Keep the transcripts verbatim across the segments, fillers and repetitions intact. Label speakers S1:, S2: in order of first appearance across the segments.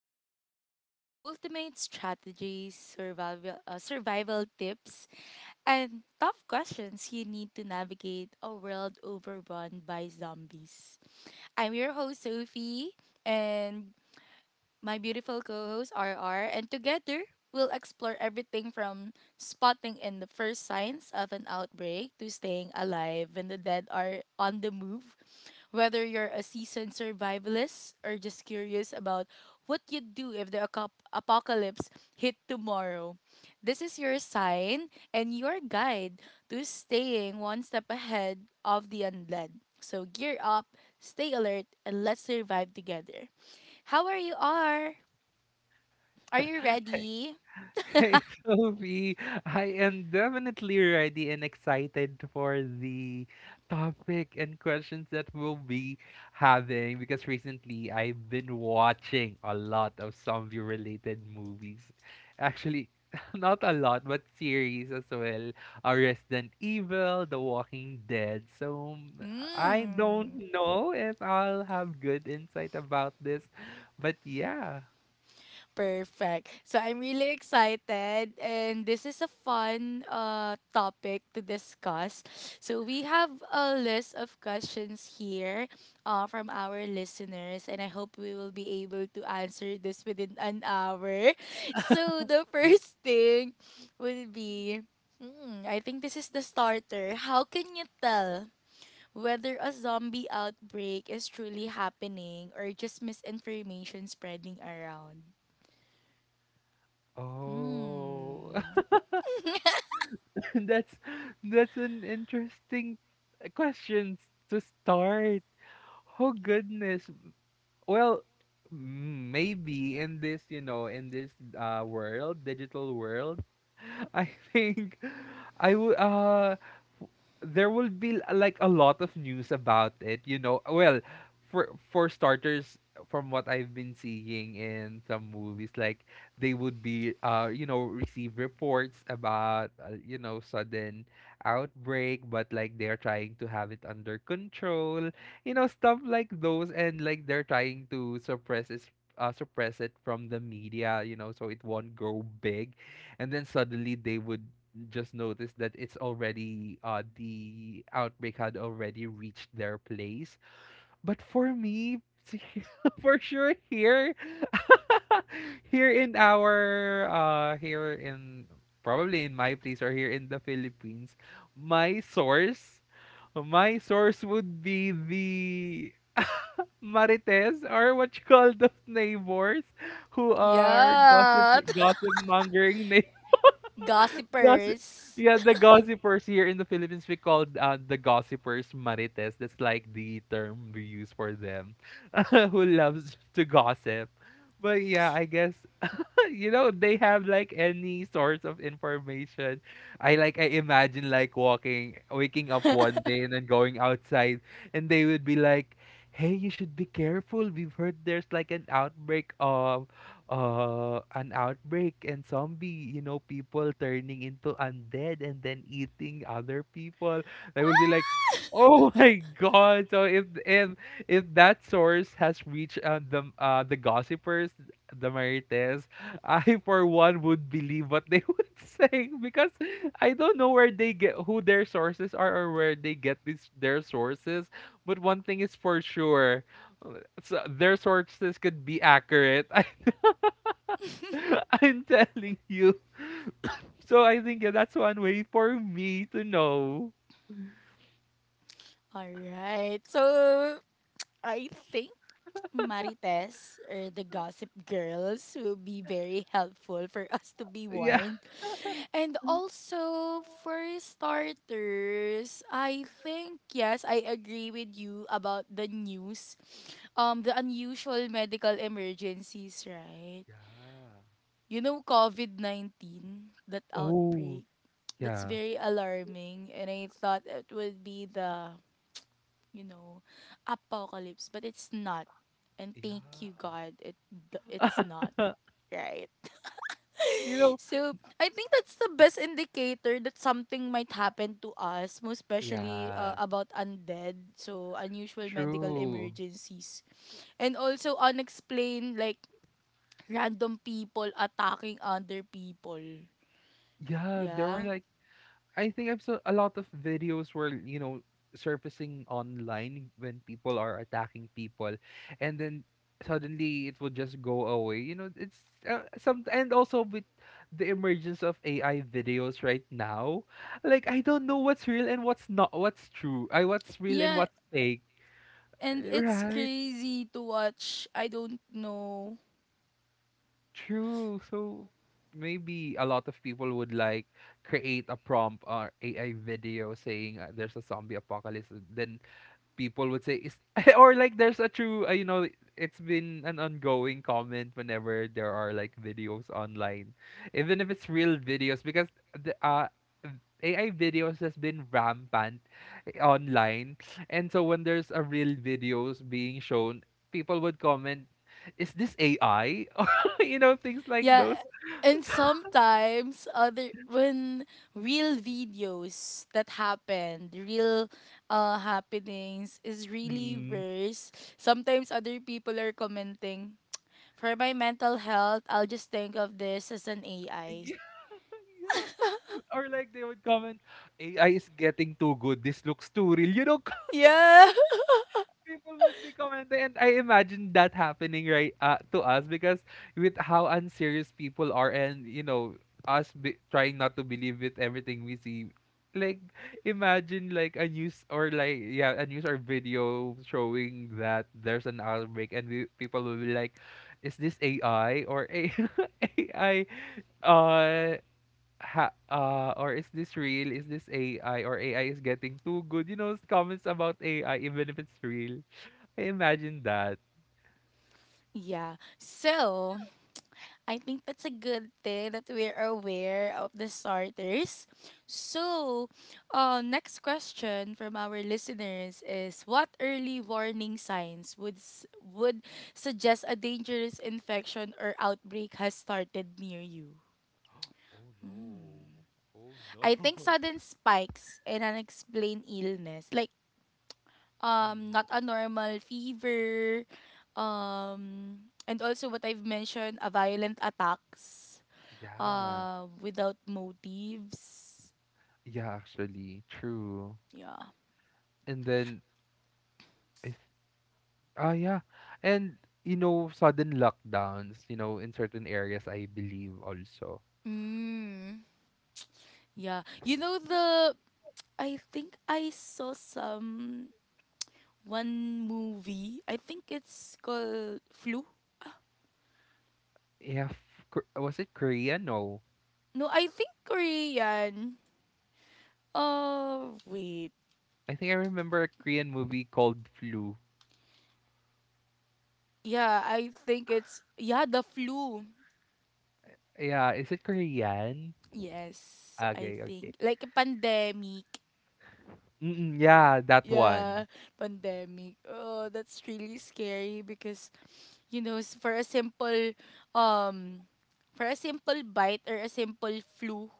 S1: where we dive into ultimate strategies, survival, uh, survival tips, and tough questions you need to navigate a world overrun by zombies. I'm your host, Sophie, and my beautiful co host R R, and together we'll explore everything from spotting in the first signs of an outbreak to staying alive when the dead are on the move. Whether you're a seasoned survivalist or just curious about what you'd do if the aco- apocalypse hit tomorrow, this is your sign and your guide to staying one step ahead of the undead. So gear up, stay alert, and let's survive together. How are you are? Are you ready?
S2: Hey, Sophie. I am definitely ready and excited for the topic and questions that we'll be having because recently I've been watching a lot of zombie related movies. Actually, not a lot, but series as well. Uh, Resident Evil, The Walking Dead. So mm, I don't
S1: Mm,
S2: know if I'll have good insight about this, but yeah.
S1: perfect. So I'm really excited and this is a fun uh topic to discuss. So we have a list of questions here uh from our listeners and I hope we will be able to answer this within an hour. So the first thing would be. Hmm, I think this is the starter. How can you tell whether a zombie outbreak is truly happening or just misinformation spreading around.
S2: Oh,
S1: Hmm.
S2: that's that's an interesting question to start. Oh goodness, well, mm, maybe in this, you know, in this uh world, digital world. I think I would uh w- there will be l- like a lot of news about it, you know. Well, for for starters, from what I've been seeing in some movies, like they would be uh you know receive reports about uh, you know sudden outbreak, but like they're trying to have it under control, you know stuff like those, and like they're trying to suppress it uh, suppress it from the media, you know so it won't go big. And then suddenly they would just notice that it's already uh the outbreak had already reached their place. But for me, for sure here, here in our uh here in, probably in my place, or here in the Philippines, my source, my source would be the Marites, or what you call those neighbors who are gossip
S1: Yeah.
S2: gossip mongering neighbors. Gossip.
S1: Gossipers.
S2: Yeah, the gossipers, here in the Philippines we call uh, the gossipers marites. That's like the term we use for them. Who loves to gossip. But yeah, I guess, you know, they have like any source of information. I like i imagine like walking waking up one day and then going outside, and they would be like, hey, you should be careful, we've heard there's like an outbreak of uh an outbreak, and zombie, you know, people turning into undead and then eating other people. They will be like, oh, my god. So if if if that source has reached uh, the uh the gossipers, the Marites, I for one would believe what they would say, because I don't know where they get, who their sources are, or where they get this their sources. But one thing is for sure, uh, so their sources could be accurate. I, I'm telling you. So I think, yeah, that's one way for me to know.
S1: Alright. So, I think Marites or the gossip girls will be very helpful for us to be
S2: Yeah.
S1: warned. And also, for starters, I think, yes, I agree with you about the news. Um, the unusual medical emergencies, right?
S2: Yeah.
S1: You know, COVID nineteen, that
S2: Oh,
S1: outbreak, that's
S2: yeah.
S1: very alarming. And I thought it would be the, you know, apocalypse, but it's not. And
S2: Yeah.
S1: thank you, God, it d- it's not, right.
S2: You know.
S1: So, I think that's the best indicator that something might happen to us, most especially uh,
S2: Yeah.
S1: about undead, so unusual medical
S2: True.
S1: emergencies. And also unexplained like random people attacking other people.
S2: Yeah, there were
S1: Yeah.
S2: like, I think I've saw a lot of videos where, you know, surfacing online when people are attacking people, and then suddenly it will just go away. You know, it's uh, some. And also with the emergence of A I videos right now, like I don't know what's real and what's not, what's true. I What's real and
S1: Yeah,
S2: what's fake.
S1: and
S2: eh,
S1: it's
S2: Right?
S1: crazy to watch. I don't know.
S2: True. So maybe a lot of people would like create a prompt or A I video saying, uh, there's a zombie apocalypse, then people would say, is, or like, there's a true, uh, you know, it's been an ongoing comment whenever there are like videos online, even if it's real videos, because the uh A I videos has been rampant, eh, online. And so when there's a real videos being shown, people would comment, is this A I? Or, you know things like
S1: Yeah,
S2: those.
S1: and sometimes other when real videos that happened, real uh happenings is really
S2: Mm.
S1: worse. Sometimes other people are commenting, "For my mental health, I'll just think of this as an A I."
S2: Yeah, yeah. Or like they would comment, A I is getting too good. This looks too real. You know,
S1: Yeah.
S2: people would be commenting, and I imagine that happening right, uh, to us, because with how unserious people are, and you know, us be- trying not to believe with everything we see. Like, imagine like a news, or like, yeah, a news or video showing that there's an outbreak, and we, people will be like, is this A I? Or A A I uh ha uh or is this real? Is this A I? Or A I is getting too good? You know, s- comments about A I even if it's real. I imagine that.
S1: Yeah. So, I think that's a good thing that we're aware of the starters. So, uh, next question from our listeners is: what early warning signs would s- would suggest a dangerous infection or outbreak has started near you?
S2: Oh no. Oh no.
S1: I think sudden spikes and unexplained illness, like um,
S2: Mm.
S1: not a normal fever, um, and also what I've mentioned, a violent attacks
S2: Yeah.
S1: uh, without motives.
S2: Yeah, actually. True.
S1: Yeah.
S2: And then, if, ah yeah. And you know, sudden lockdowns, you know, in certain areas, I believe also.
S1: Mm. Yeah. You know the, I think I saw some one movie. I think it's called Flu.
S2: Yeah, f- Kor- was it Korea? No.
S1: No, I think Korean. Oh, wait.
S2: I think I remember a Korean movie called Flu.
S1: Yeah, I think it's yeah, the flu.
S2: Yeah, is it Korean?
S1: Yes, I
S2: Okay, okay.
S1: think like a pandemic.
S2: Mm-mm, yeah, that one.
S1: Yeah, pandemic. Oh, that's really scary because you know, s- for a simple um for a simple bite or a simple flu,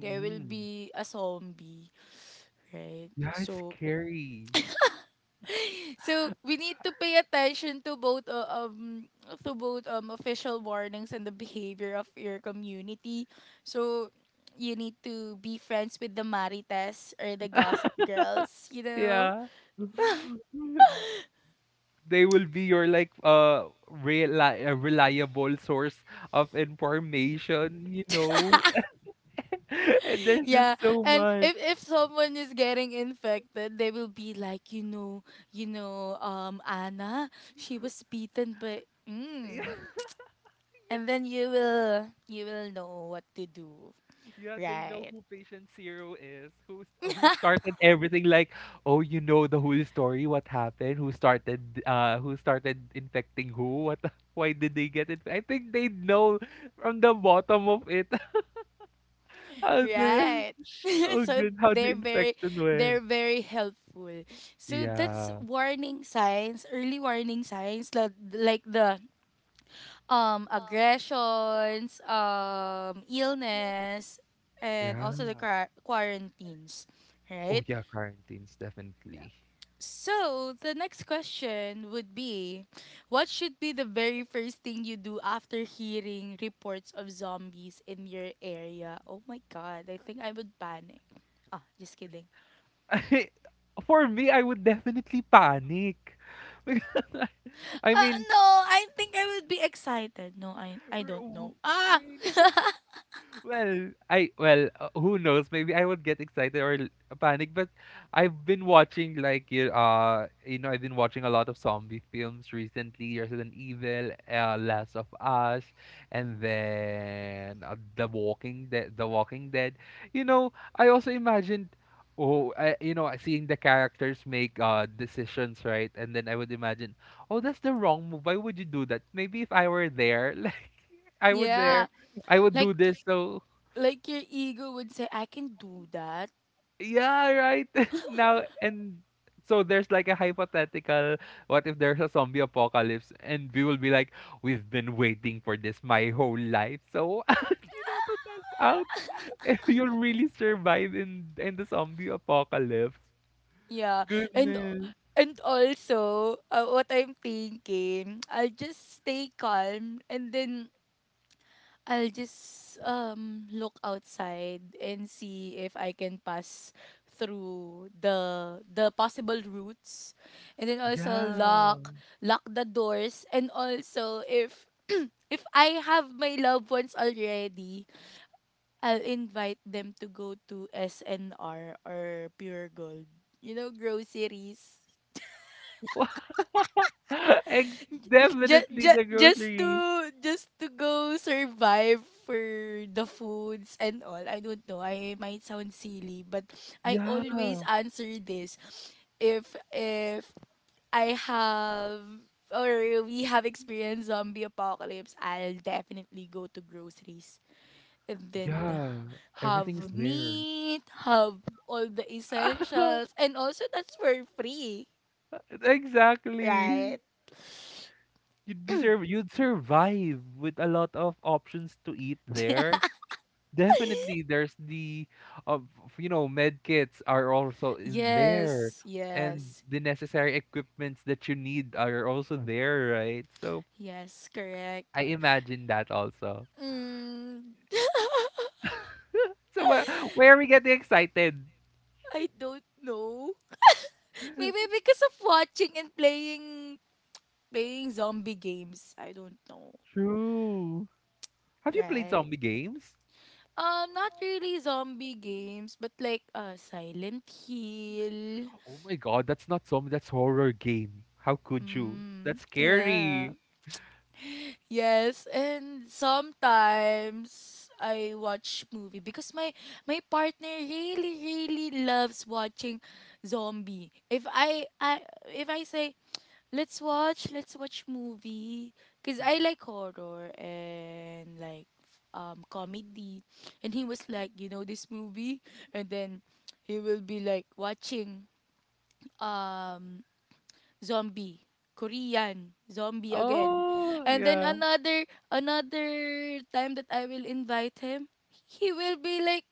S1: there will be a zombie, right?
S2: Yeah, it's
S1: So
S2: scary.
S1: so we need to pay attention to both uh, um to both um official warnings and the behavior of your community. So you need to be friends with the marites or the gossip girls, you know.
S2: Yeah. They will be your like uh reli uh, reliable source of information, you know. And there's just
S1: Yeah,
S2: so
S1: and
S2: much.
S1: if if someone is getting infected, they will be like, you know, you know, um, Anna, she was beaten by, mm. And then you will you will know what to do,
S2: Yeah, they know
S1: right?
S2: who patient zero is, who s- who started everything. Like, oh, you know the whole story, what happened, who started, uh, who started infecting who, what, the- why did they get it? I think they know from the bottom of it. How the,
S1: Right.
S2: oh
S1: So
S2: good, how the
S1: they're very
S2: infection went.
S1: they're very helpful. So that's
S2: Yeah,
S1: warning signs, early warning signs, like like the um aggressions, um illness, and also
S2: yeah.
S1: the quar- quarantines,
S2: Oh
S1: right?
S2: yeah, quarantines
S1: Yeah.
S2: definitely.
S1: So the next question would be, what should be the very first thing you do after hearing reports of zombies in your area? Oh my god, I think I would panic. Ah, just kidding.
S2: I, for me, I would definitely panic. Because I I
S1: Uh,
S2: mean,
S1: no, I think I would be excited. No, I
S2: r-
S1: I don't
S2: w-
S1: know. Ah,
S2: really? Well, I well, uh, who knows? Maybe I would get excited, or l- panic. But I've been watching like, you uh you know, I've been watching a lot of zombie films recently. Resident Evil, uh, Last of Us, and then uh, The Walking Dead, The Walking Dead. You know, I also imagined, oh, I, you know, seeing the characters make uh decisions, right? And then I would imagine, oh, that's the wrong move. Why would you do that? Maybe if I were there, like I would
S1: yeah.
S2: there. I would do
S1: Like
S2: this, so,
S1: like your ego would say I can do that.
S2: yeah, right. Now, and so there's like a hypothetical, what if there's a zombie apocalypse, and we will be like, we've been waiting for this my whole life. So you know, to test out if you'll really survive in in the zombie apocalypse.
S1: Yeah, and
S2: Goodness.
S1: and also uh, what I'm thinking, I'll just stay calm and then I'll just um look outside and see if I can pass through the the possible routes, and then also
S2: Yeah.
S1: lock lock the doors, and also if if I have my loved ones already, I'll invite them to go to S N R or Pure Gold. You know, groceries,
S2: Ex-
S1: just
S2: definitely
S1: just
S2: the
S1: just to
S2: groceries.
S1: just to go survive for the foods and all. I don't know. I might sound silly, but I
S2: Yeah.
S1: always answer this. If if I have or we have experienced zombie apocalypse, I'll definitely go to groceries and then
S2: Yeah. Everything's
S1: have
S2: there.
S1: meat, have all the essentials, and also that's for free,
S2: Exactly.
S1: right?
S2: You'd be sur- you'd survive with a lot of options to eat there. Definitely, there's the, uh, f- you know, med kits are also in there,
S1: Yes,
S2: and
S1: yes.
S2: the necessary equipments that you need are also there, right? So
S1: Yes, correct.
S2: I imagine that also.
S1: Mm.
S2: So wha- where are we getting excited?
S1: I don't know. Maybe because of watching and playing playing zombie games. I don't know.
S2: True. Have you played
S1: Right?
S2: zombie games?
S1: Um, not really zombie games, but like uh Silent Hill.
S2: Oh my God, that's not zombie, that's horror game. How could you?
S1: Mm,
S2: That's
S1: yeah.
S2: scary.
S1: Yes, and sometimes I watch movie because my my partner really really loves watching zombie. If I I if I say let's watch let's watch movie because I
S2: Mm.
S1: like horror and like um comedy, and he was like you know this movie, and then he will be like watching um zombie, korean zombie again,
S2: Oh
S1: and then
S2: yeah.
S1: another another time that I will invite him, he will be like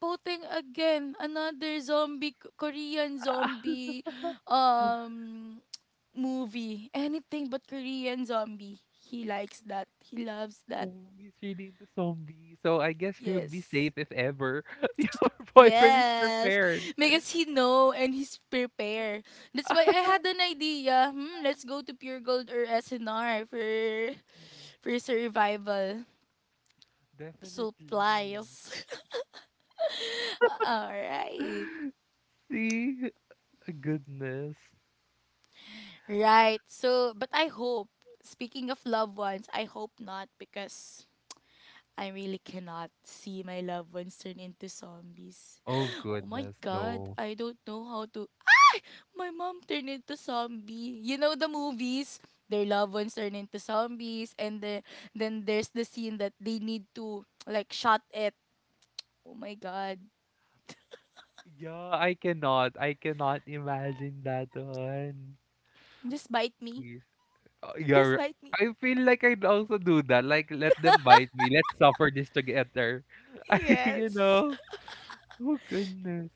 S1: putting again another zombie K- korean zombie um movie. Anything but korean zombie, he likes that, he loves that.
S2: Who is really into zombie. So I guess you'll be
S1: Yes.
S2: safe if ever, your boyfriend is
S1: Yes,
S2: prepared.
S1: because he know and he's prepared. That's why I had an idea. Hmm, let's go to Pure Gold or S N R for
S2: Mm.
S1: for survival
S2: Definitely.
S1: supplies. All right.
S2: See? Goodness.
S1: Right. So, but I hope, speaking of loved ones, I hope not because I really cannot see my loved ones turn into zombies.
S2: Oh,
S1: Oh my
S2: goodness,
S1: god,
S2: no.
S1: I don't know how to. My mom turned into zombie. You know the movies? Their loved ones turn into zombies, and the, then there's the scene that they need to like shot it. Oh my god.
S2: Yeah, I cannot. I cannot imagine that one.
S1: Just bite me.
S2: Please. Uh,
S1: Just
S2: you're,
S1: bite me.
S2: I feel like I'd also do that. Like, let them bite me. Let's suffer this together. I, you
S1: Yes.
S2: know? Oh, goodness.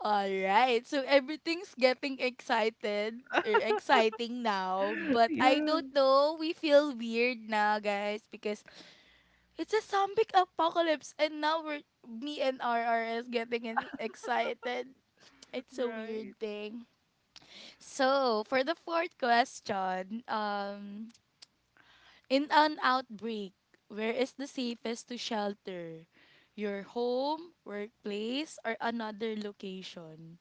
S1: All right. So everything's getting excited or exciting now, but I
S2: Yeah.
S1: don't know. We feel weird now, guys, because it's a zombie apocalypse and now we're, me and R R is getting ex- excited. It's a
S2: Right?
S1: weird thing. So, for the fourth question, um in an outbreak, where is the safest to shelter? Your home, workplace, or another location?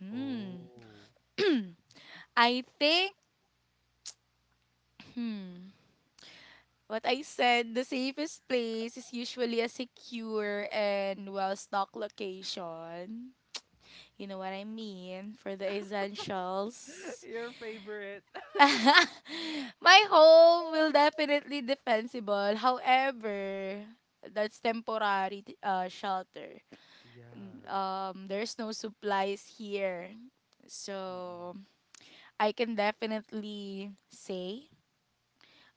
S1: Hmm.
S2: Oh.
S1: I think, hmm, what I said, the safest place is usually a secure and well stocked location. You know what I mean? For the essentials.
S2: Your favorite.
S1: My home will definitely defensible. However, that's temporary t- uh, shelter.
S2: Yeah.
S1: Um, there's no supplies here.
S2: Mm-mm.
S1: So I can definitely say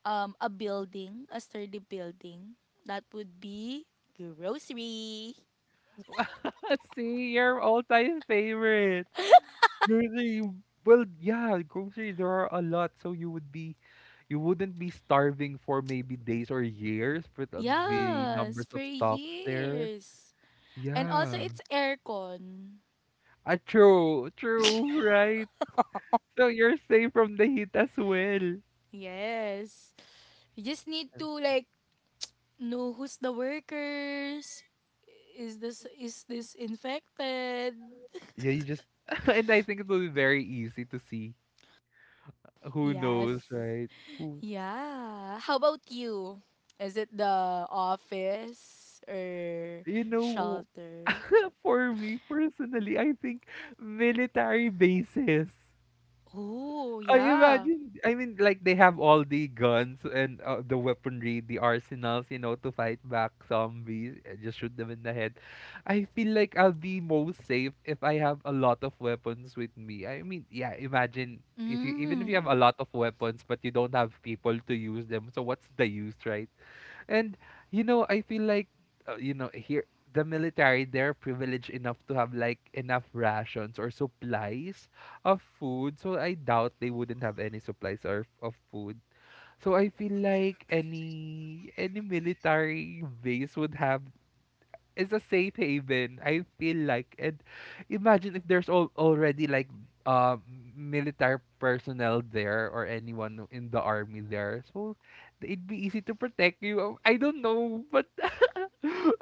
S1: um a building, a sturdy building. That would be grocery.
S2: Wow. See, your all-time favorite. Grocery. Well, yeah, groceries, there are a lot, so you would be, you wouldn't be starving for maybe days or years, for the, the
S1: Yes,
S2: numbers
S1: for
S2: of stocks there.
S1: years. And also
S2: Yeah.
S1: it's aircon.
S2: Ah, true, true, right? So you're safe from the heat as well.
S1: Yes. You just need to like know who's the workers. Is this is this infected?
S2: Yeah, you just and I think it will be very easy to see who
S1: Yes.
S2: knows, right? Who
S1: Yeah. How about you? Is it the office or
S2: you know
S1: shelter?
S2: for me personally, I think military bases.
S1: Oh,
S2: I
S1: yeah.
S2: imagine, I mean, like they have all the guns and, uh, the weaponry, the arsenals, you know, to fight back zombies and just shoot them in the head. I feel like I'll be most safe if I have a lot of weapons with me. I mean, yeah, imagine if you, even if you
S1: Mm,
S2: have a lot of weapons but you don't have people to use them, so what's the use, right? And you know, I feel like, uh, you know, here, the military, they're privileged enough to have like enough rations or supplies of food. So I doubt they wouldn't have any supplies or of food. So I feel like any any military base would have, is a safe haven. I feel like. And imagine if there's al- already like, um, military personnel there, or anyone who- in the army there. So it'd be easy to protect you. Um, I don't know, but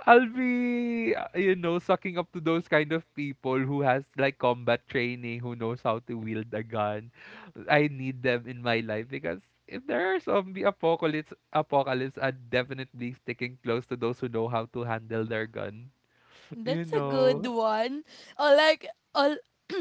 S2: I'll be, uh, you know, sucking up to those kind of people who has like combat training, who knows how to wield a gun. I need them in my life, because if there are zombie apocalypse, apocalypse, I'd definitely sticking close to those who know how to handle their gun. You
S1: that's a good
S2: know,
S1: one. Oh, like, oh,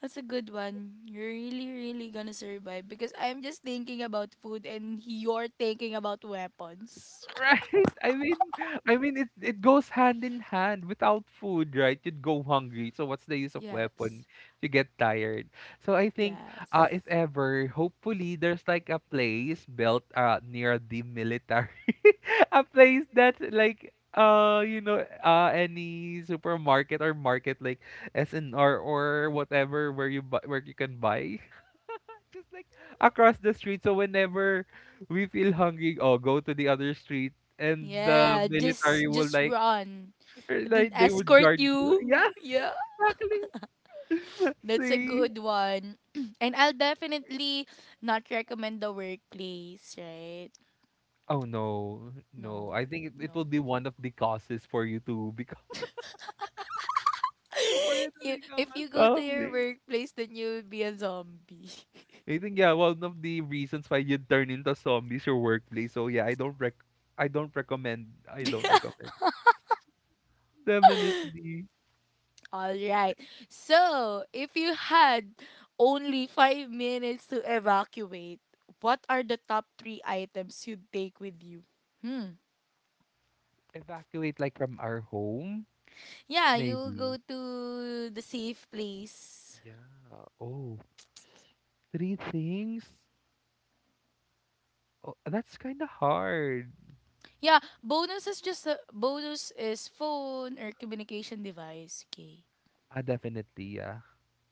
S1: that's a good one. You're really, really gonna survive because I'm just thinking about food and you're thinking about weapons.
S2: right? I mean, I mean, it it goes hand in hand. Without food, right, you'd go hungry. So what's the use of weapon
S1: Yes.
S2: if you get tired? So I think, uh,
S1: Yes.
S2: if ever, hopefully there's like a place built uh near the military. A place that like, uh you know, uh any supermarket or market like S N R or whatever, where you buy where you can buy, just like, across the street. So whenever we feel hungry, oh, go to the other street, and the
S1: Yeah,
S2: military
S1: just
S2: will
S1: just
S2: like,
S1: run. Then
S2: like they would
S1: escort
S2: guard you.
S1: you.
S2: Yeah,
S1: Yeah.
S2: exactly.
S1: That's a
S2: See.
S1: good one. And I'll definitely not recommend the workplace, right?
S2: Oh no, no!
S1: No.
S2: I think it, it will
S1: No.
S2: be one of the causes for you to become for you to
S1: You,
S2: become
S1: if
S2: a
S1: you go to your
S2: zombie.
S1: workplace, then you'll be a zombie.
S2: I think yeah, one of the reasons why you turn into zombies your workplace. So yeah, I don't rec I don't recommend I don't recommend. Definitely
S1: All right. So, if you had only five minutes to evacuate, what are the top three items you'd take with you? Hmm.
S2: evacuate like from our home,
S1: Yeah, you'll
S2: maybe.
S1: go to the safe place.
S2: Yeah. Oh, three things? Oh, that's kind of hard.
S1: Yeah, bonus is just a bonus is phone or communication device. Okay.
S2: Ah, definitely, yeah.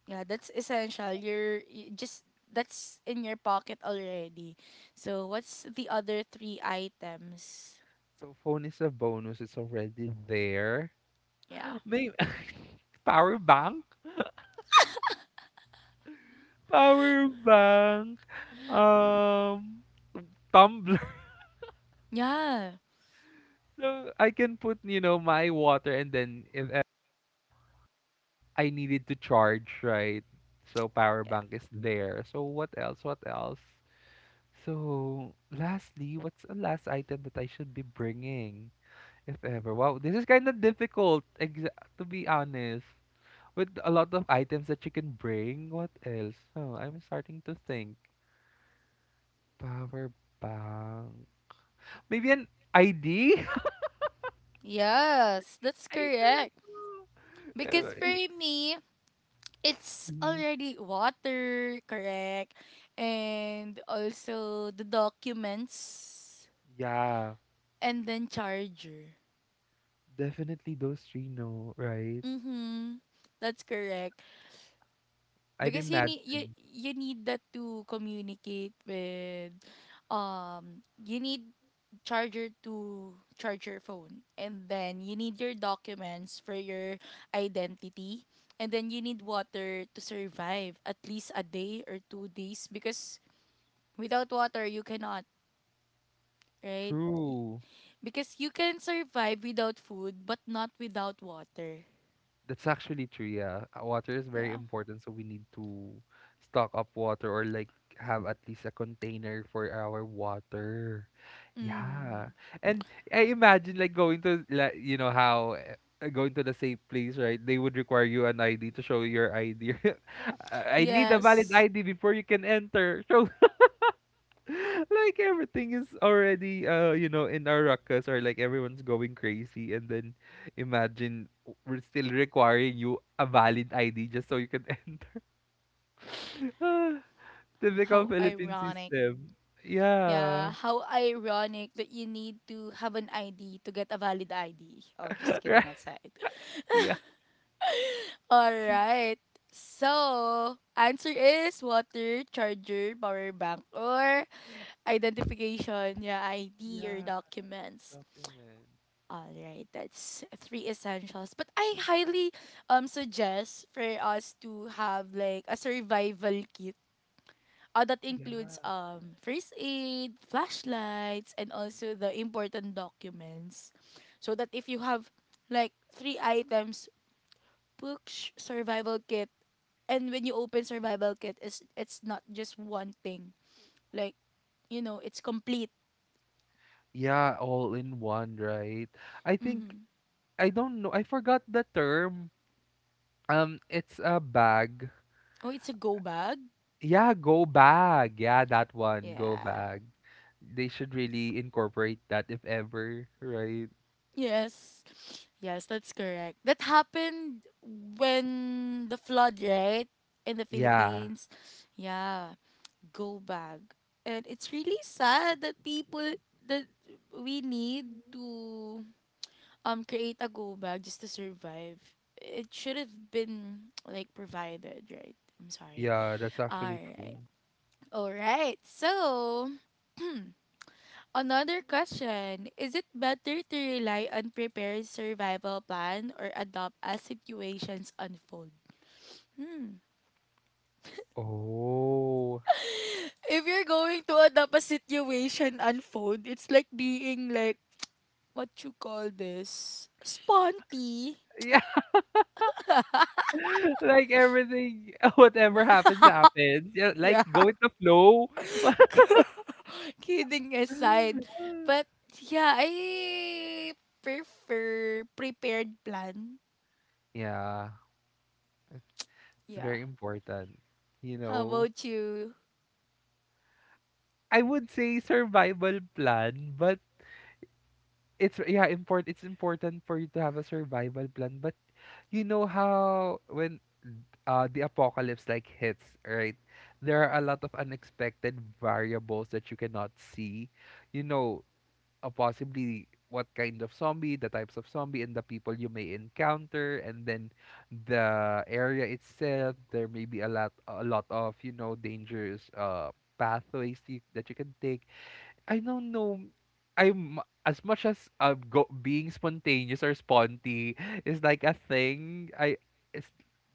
S1: Yeah, that's essential. You're you just, that's in your pocket already. So what's the other three items?
S2: So phone is a bonus. It's already there.
S1: Yeah.
S2: Maybe power bank, power bank, um, tumbler.
S1: Yeah.
S2: So I can put, you know, my water, and then if e- I needed to charge, right? So power
S1: Yeah.
S2: bank is there. So what else? What else? So lastly, what's the last item that I should be bringing? If ever. Wow, this is kind of difficult, exa- to be honest. With a lot of items that you can bring, what else? Oh, I'm starting to think. Power bank. Maybe an I D?
S1: Yes, that's
S2: I don't
S1: correct.
S2: know. Uh,
S1: Because for
S2: it-
S1: me, it's
S2: mm,
S1: already water, correct? And also the documents
S2: Yeah,
S1: and then charger.
S2: definitely those three, no, right?
S1: Mhm. That's correct.
S2: I'd
S1: Because you need you
S2: imagine.
S1: you need that to communicate with, um you need charger to charge your phone, and then you need your documents for your identity, and then you need water to survive at least a day or two days, because without water you cannot, right? Y-
S2: True.
S1: because you can survive without food but not without water.
S2: That's actually true, yeah. Uh, Water is very
S1: Yeah.
S2: important, so we need to stock up water or like have at least a container for our water. Yeah.
S1: Mm.
S2: And I imagine like going to like you know how uh, going to the safe place, right? They would require you an I D to show your I D. I I need a valid
S1: Yes.
S2: I D before you can enter. Show like everything is already uh you know in our ruckus or like everyone's going crazy and then imagine w- we're still requiring you a valid I D just so you can enter. Ah, typical
S1: How
S2: Philippine
S1: ironic.
S2: system. Yeah.
S1: Yeah, how ironic that you need to have an I D to get a valid I D. Oh, just
S2: Right.
S1: kidding aside.
S2: Yeah.
S1: All right. So, answer is water, charger, power bank, or identification, yeah, I D or
S2: Yeah.
S1: documents.
S2: Document.
S1: All right, that's three essentials. But I highly um suggest for us to have like a survival kit. Uh, that includes
S2: Yeah.
S1: um first aid, flashlights, and also the important documents. So that if you have like three items, books, survival kit, and when you open survival kit, it's it's not just one thing. Like you know, it's complete.
S2: Yeah, all in one, right? I think
S1: Mm-hmm.
S2: I don't know. I forgot the term. Um, it's a bag.
S1: Oh, it's a go bag.
S2: Yeah, go bag. Yeah, that one, go
S1: Yeah.
S2: bag. They should really incorporate that if ever, right?
S1: Yes. Yes, that's correct. That happened when the flood, right? In the
S2: Yeah.
S1: Philippines. Yeah. Go bag. And it's really sad that people, that we need to um create a go bag just to survive. It should have been like provided, right? I'm sorry.
S2: Yeah, that's
S1: All
S2: actually
S1: right.
S2: true.
S1: All right. So, another question. Is it better to rely on prepared survival plan or adopt as situations unfold?
S2: Oh.
S1: If you're going to adopt a situation unfold, it's like being like what you call this sponty.
S2: Yeah. Like everything, whatever happens, happens. Yeah, like
S1: Yeah.
S2: go with the flow.
S1: Kidding aside, but yeah, I prefer prepared plan.
S2: Yeah, it's
S1: Yeah.
S2: very important, you
S1: How
S2: know.
S1: about you?
S2: I would say survival plan, but it's yeah important, it's important for you to have a survival plan, but you know how when uh the apocalypse like hits, right? There are a lot of unexpected variables that you cannot see, you know, uh, possibly what kind of zombie, the types of zombie and the people you may encounter, and then the area itself, there may be a lot a lot of, you know, dangerous uh pathways you, that you can take. I don't know. I'm as much as uh, go, being spontaneous or sponty is like a thing. I it's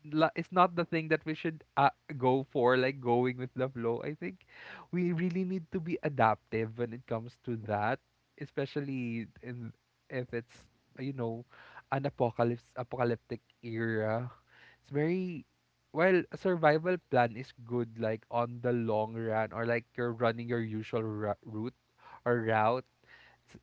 S2: la- it's not the thing that we should uh, go for. Like going with the flow. I think we really need to be adaptive when it comes to that, especially in, if it's, you know, an apocalypse apocalyptic era. It's very, well, a survival plan is good like on the long run, or like you're running your usual ra- route or route,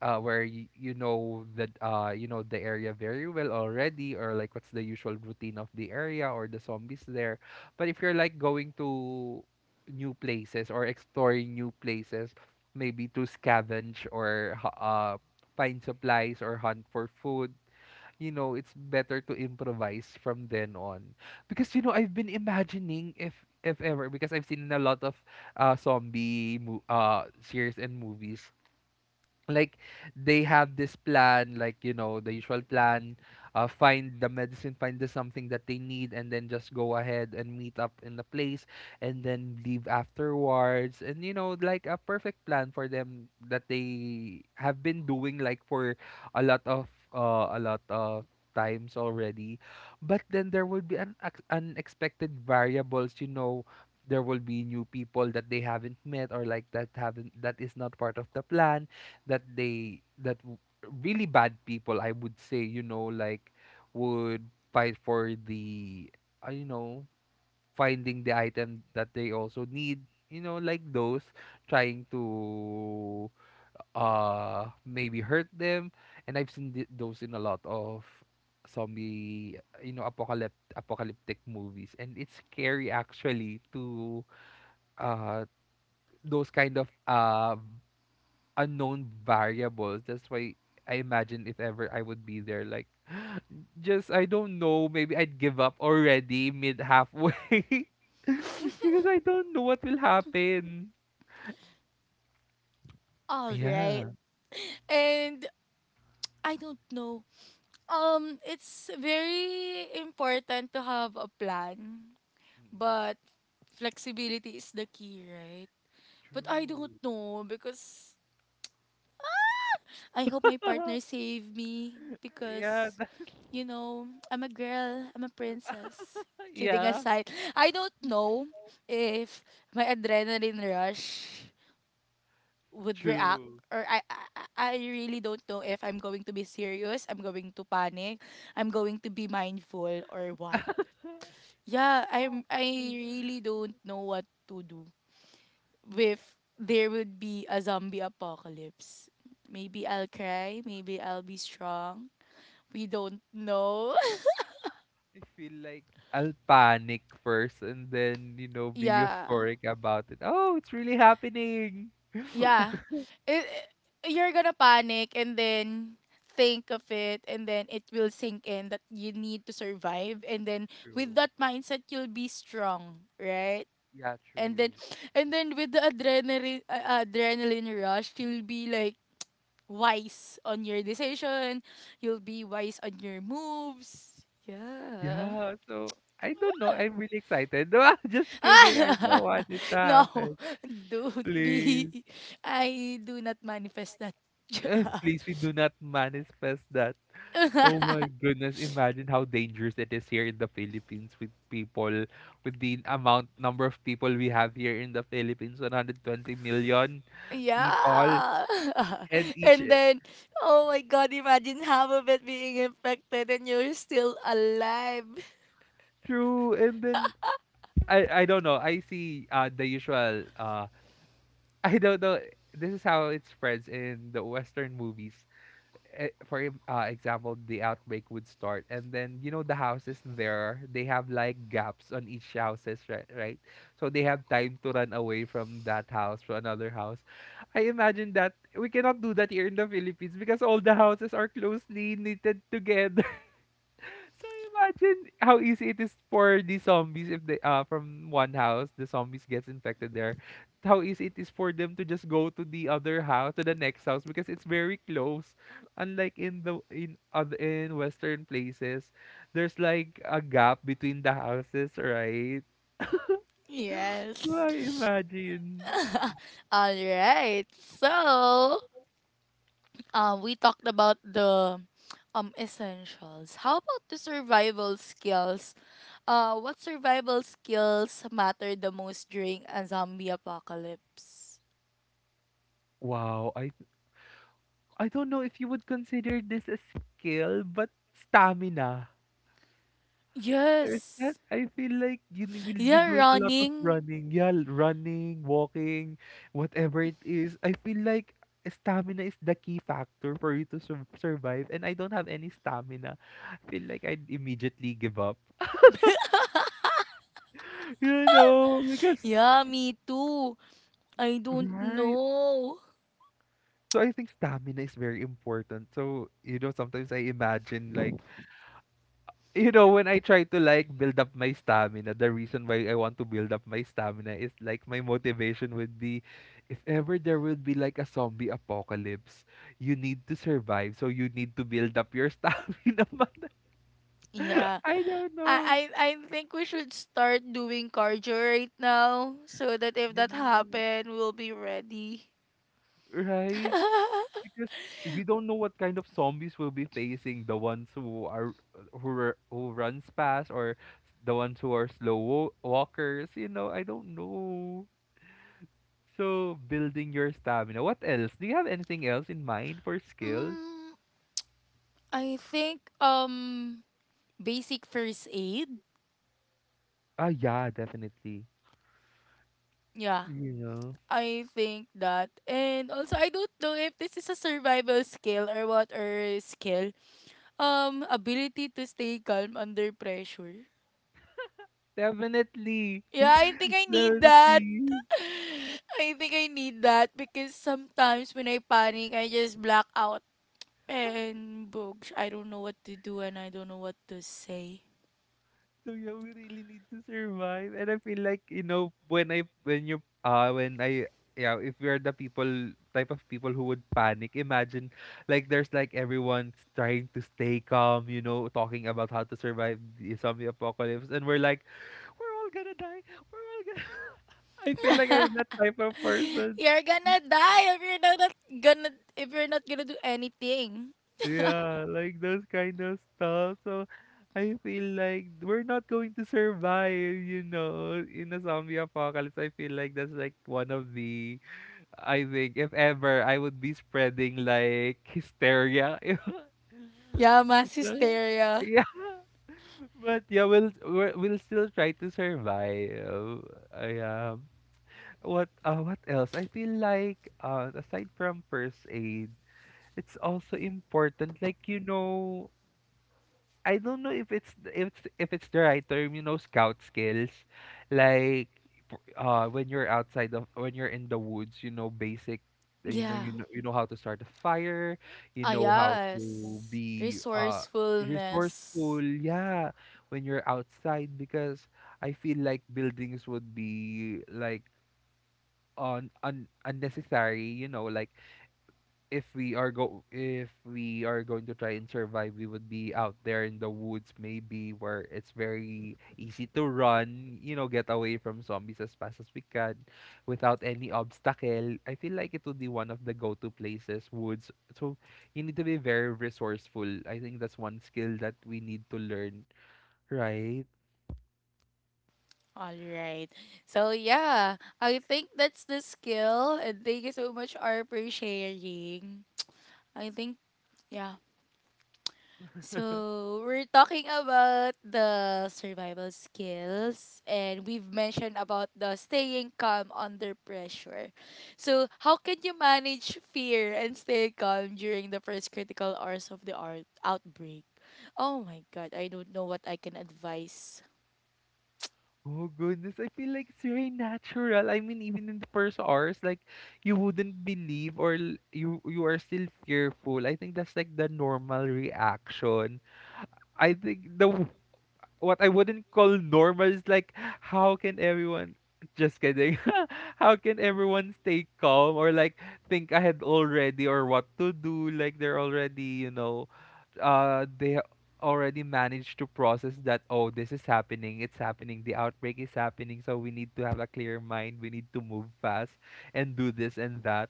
S2: uh, where you, you know that uh you know the area very well already, or like what's the usual routine of the area or the zombies there. But if you're like going to new places or exploring new places, maybe to scavenge or hu- uh find supplies or hunt for food, you know, it's better to improvise from then on. Because, you know, I've been imagining if if ever, because I've seen a lot of uh zombie mo- uh series and movies, like they have this plan, like you know the usual plan, uh find the medicine, find the something that they need, and then just go ahead and meet up in the place and then leave afterwards, and you know, like a perfect plan for them that they have been doing like for a lot of uh a lot of times already. But then there will be an unexpected variables, you know, there will be new people that they haven't met, or like that haven't that is not part of the plan, that they that w- really bad people I would say, you know, like would fight for the uh, you know, finding the item that they also need, you know, like those trying to uh maybe hurt them. And I've seen th- those in a lot of zombie, you know, apocalypt- apocalyptic movies, and it's scary actually to uh those kind of uh unknown variables. That's why I imagine if ever I would be there, like just I don't know, maybe I'd give up already mid halfway because I don't know what will happen.
S1: All right.
S2: Yeah.
S1: And I don't know. Um it's very important to have a plan, but
S2: mm
S1: flexibility is the key, right? But I don't
S2: True.
S1: know, because I hope my partner save me
S2: yeah.
S1: because you know, I'm a girl, I'm a princess. Kidding
S2: Yeah.
S1: aside, I don't know if my adrenaline rush would react,
S2: True.
S1: or I, I I I really don't know if I'm going to be serious, I'm going to panic, I'm going to be mindful or what. Yeah, I'm I really don't know what to do if there would be a zombie apocalypse. Maybe I'll cry, maybe I'll be strong, we don't know.
S2: I feel like I'll panic first and then, you know, be
S1: Yeah.
S2: euphoric about it. Oh, it's really happening.
S1: Yeah. It, you're gonna panic and then think of it, and then it will sink in that you need to survive, and then with
S2: True.
S1: that mindset you'll be strong, right?
S2: Yeah,
S1: And then
S2: true.
S1: and then with the adrenaline uh, adrenaline rush, you'll be like wise on your decision, you'll be wise on your moves. Yeah.
S2: Yeah, so I don't know. I'm really excited. No, I'm just kidding. I don't want it to
S1: No,
S2: happen.
S1: don't be.
S2: Please.
S1: I do not manifest that.
S2: Please, we do not manifest that. Oh my goodness. Imagine how dangerous it is here in the Philippines with people, with the amount, number of people we have here in the Philippines, one hundred twenty million people.
S1: Yeah.
S2: And each,
S1: And
S2: eh,
S1: then, oh my God, imagine half of it being infected and you're still alive.
S2: true. And then, I, I don't know. I see uh, the usual. uh. I don't know. This is how it spreads in the Western movies. Eh, For em- uh, example, the outbreak would start, and then you know the houses there, they have like gaps on each houses, right? Right. So they have time to run away from that house to another house. I imagine that we cannot do that here in the Philippines because all the houses are closely knitted together. So imagine how easy it is for the zombies if they uh from one house the zombies gets infected there. How easy it is for them to just go to the other house to the next house, because it's very close. Unlike in the in other in Western places, there's like a gap between the houses, right? I
S1: Yes.
S2: imagine.
S1: All right. So, um, we talked about the um essentials. How about the survival skills? Uh, what survival skills matter the most during a zombie apocalypse?
S2: Wow, I I don't know if you would consider this a skill, but stamina. There's that.
S1: Yes.
S2: I feel like you ne- will be
S1: Yeah,
S2: doing a lot of
S1: running.
S2: running. Yeah, l- running, walking, whatever it is. I feel like stamina is the key factor for you to sur- survive. And I don't have any stamina. I feel like I'd immediately give up. You know, because,
S1: Yeah, me too. I don't
S2: right?
S1: know.
S2: So I think stamina is very important. So, you know, sometimes I imagine like, you know, when I try to like build up my stamina, the reason why I want to build up my stamina is like my motivation would be if ever there would be like a zombie apocalypse, you need to survive, so you need to build up your stamina. Man.
S1: Yeah.
S2: I don't know.
S1: I I I think we should start doing cardio right now so that if
S2: Yeah.
S1: that happen, we'll be ready.
S2: Right? Because we don't know what kind of zombies we'll be facing, the ones who are who are, who runs fast, or the ones who are slow wa- walkers, you know, I don't know. So, building your stamina. What else? Do you have anything else in mind for skills?
S1: mm, I think um basic first aid.
S2: Ah, yeah, definitely.
S1: Yeah.
S2: You know,
S1: I think that. And also I don't know if this is a survival skill or what or skill. Um ability to stay calm under pressure.
S2: definitely,
S1: Yeah, I think I need that.
S2: definitely.
S1: I think I need that because sometimes when I panic, I just black out and books. I don't know what to do and I don't know what to say.
S2: So yeah, we really need to survive. And I feel like, you know, when I when you uh when I yeah, if we are the people type of people who would panic, imagine like there's like everyone's trying to stay calm, you know, talking about how to survive the zombie apocalypse and we're like, we're all gonna die. We're all gonna I feel like I'm that type of person.
S1: You're gonna die if you're not not gonna, if you're not gonna do anything.
S2: Yeah, like those kind of stuff. So I feel like we're not going to survive, you know, in a zombie apocalypse. I feel like that's like one of the, I think, if ever, I would be spreading like hysteria.
S1: Yeah, mass
S2: So,
S1: hysteria.
S2: yeah. But yeah, we'll we're, we'll still try to survive. I um, what uh, what else? I feel like uh, aside from first aid, it's also important, like, you know, I don't know if it's th- if it's, if it's the right term, you know, scout skills, like for- uh when you're outside of, when you're in the woods, you know, basic uh, you know,
S1: Yeah.
S2: you know you know how to start a fire, you
S1: Ah,
S2: know how to
S1: yes.
S2: be uh resourceful,
S1: Resourcefulness.
S2: yeah, when you're outside. Because I feel like buildings would be like on un- unnecessary, you know, like if we are go if we are going to try and survive, we would be out there in the woods maybe, where it's very easy to run, you know, get away from zombies as fast as we can without any obstacle. I feel like it would be one of the go-to places, woods. So you need to be very resourceful. I think that's one skill that we need to learn, right?
S1: All right. So, yeah, I think that's the skill. And thank you so much, R, for sharing. I think, yeah, so we're talking about the survival skills and we've mentioned about the staying calm under pressure. So, how can you manage fear and stay calm during the first critical hours of the art outbreak? Oh my god, I don't know what I can advise.
S2: Oh goodness, I feel like it's very natural. I mean, even in the first hours, like you wouldn't believe or l- you you are still fearful. I think that's like the normal reaction. I think the w- what I wouldn't call normal is like how can everyone just kidding. How can everyone stay calm or like think ahead already or what to do? Like they're already, you know, uh they already managed to process that, oh, this is happening, it's happening, the outbreak is happening, so we need to have a clear mind, we need to move fast and do this and that.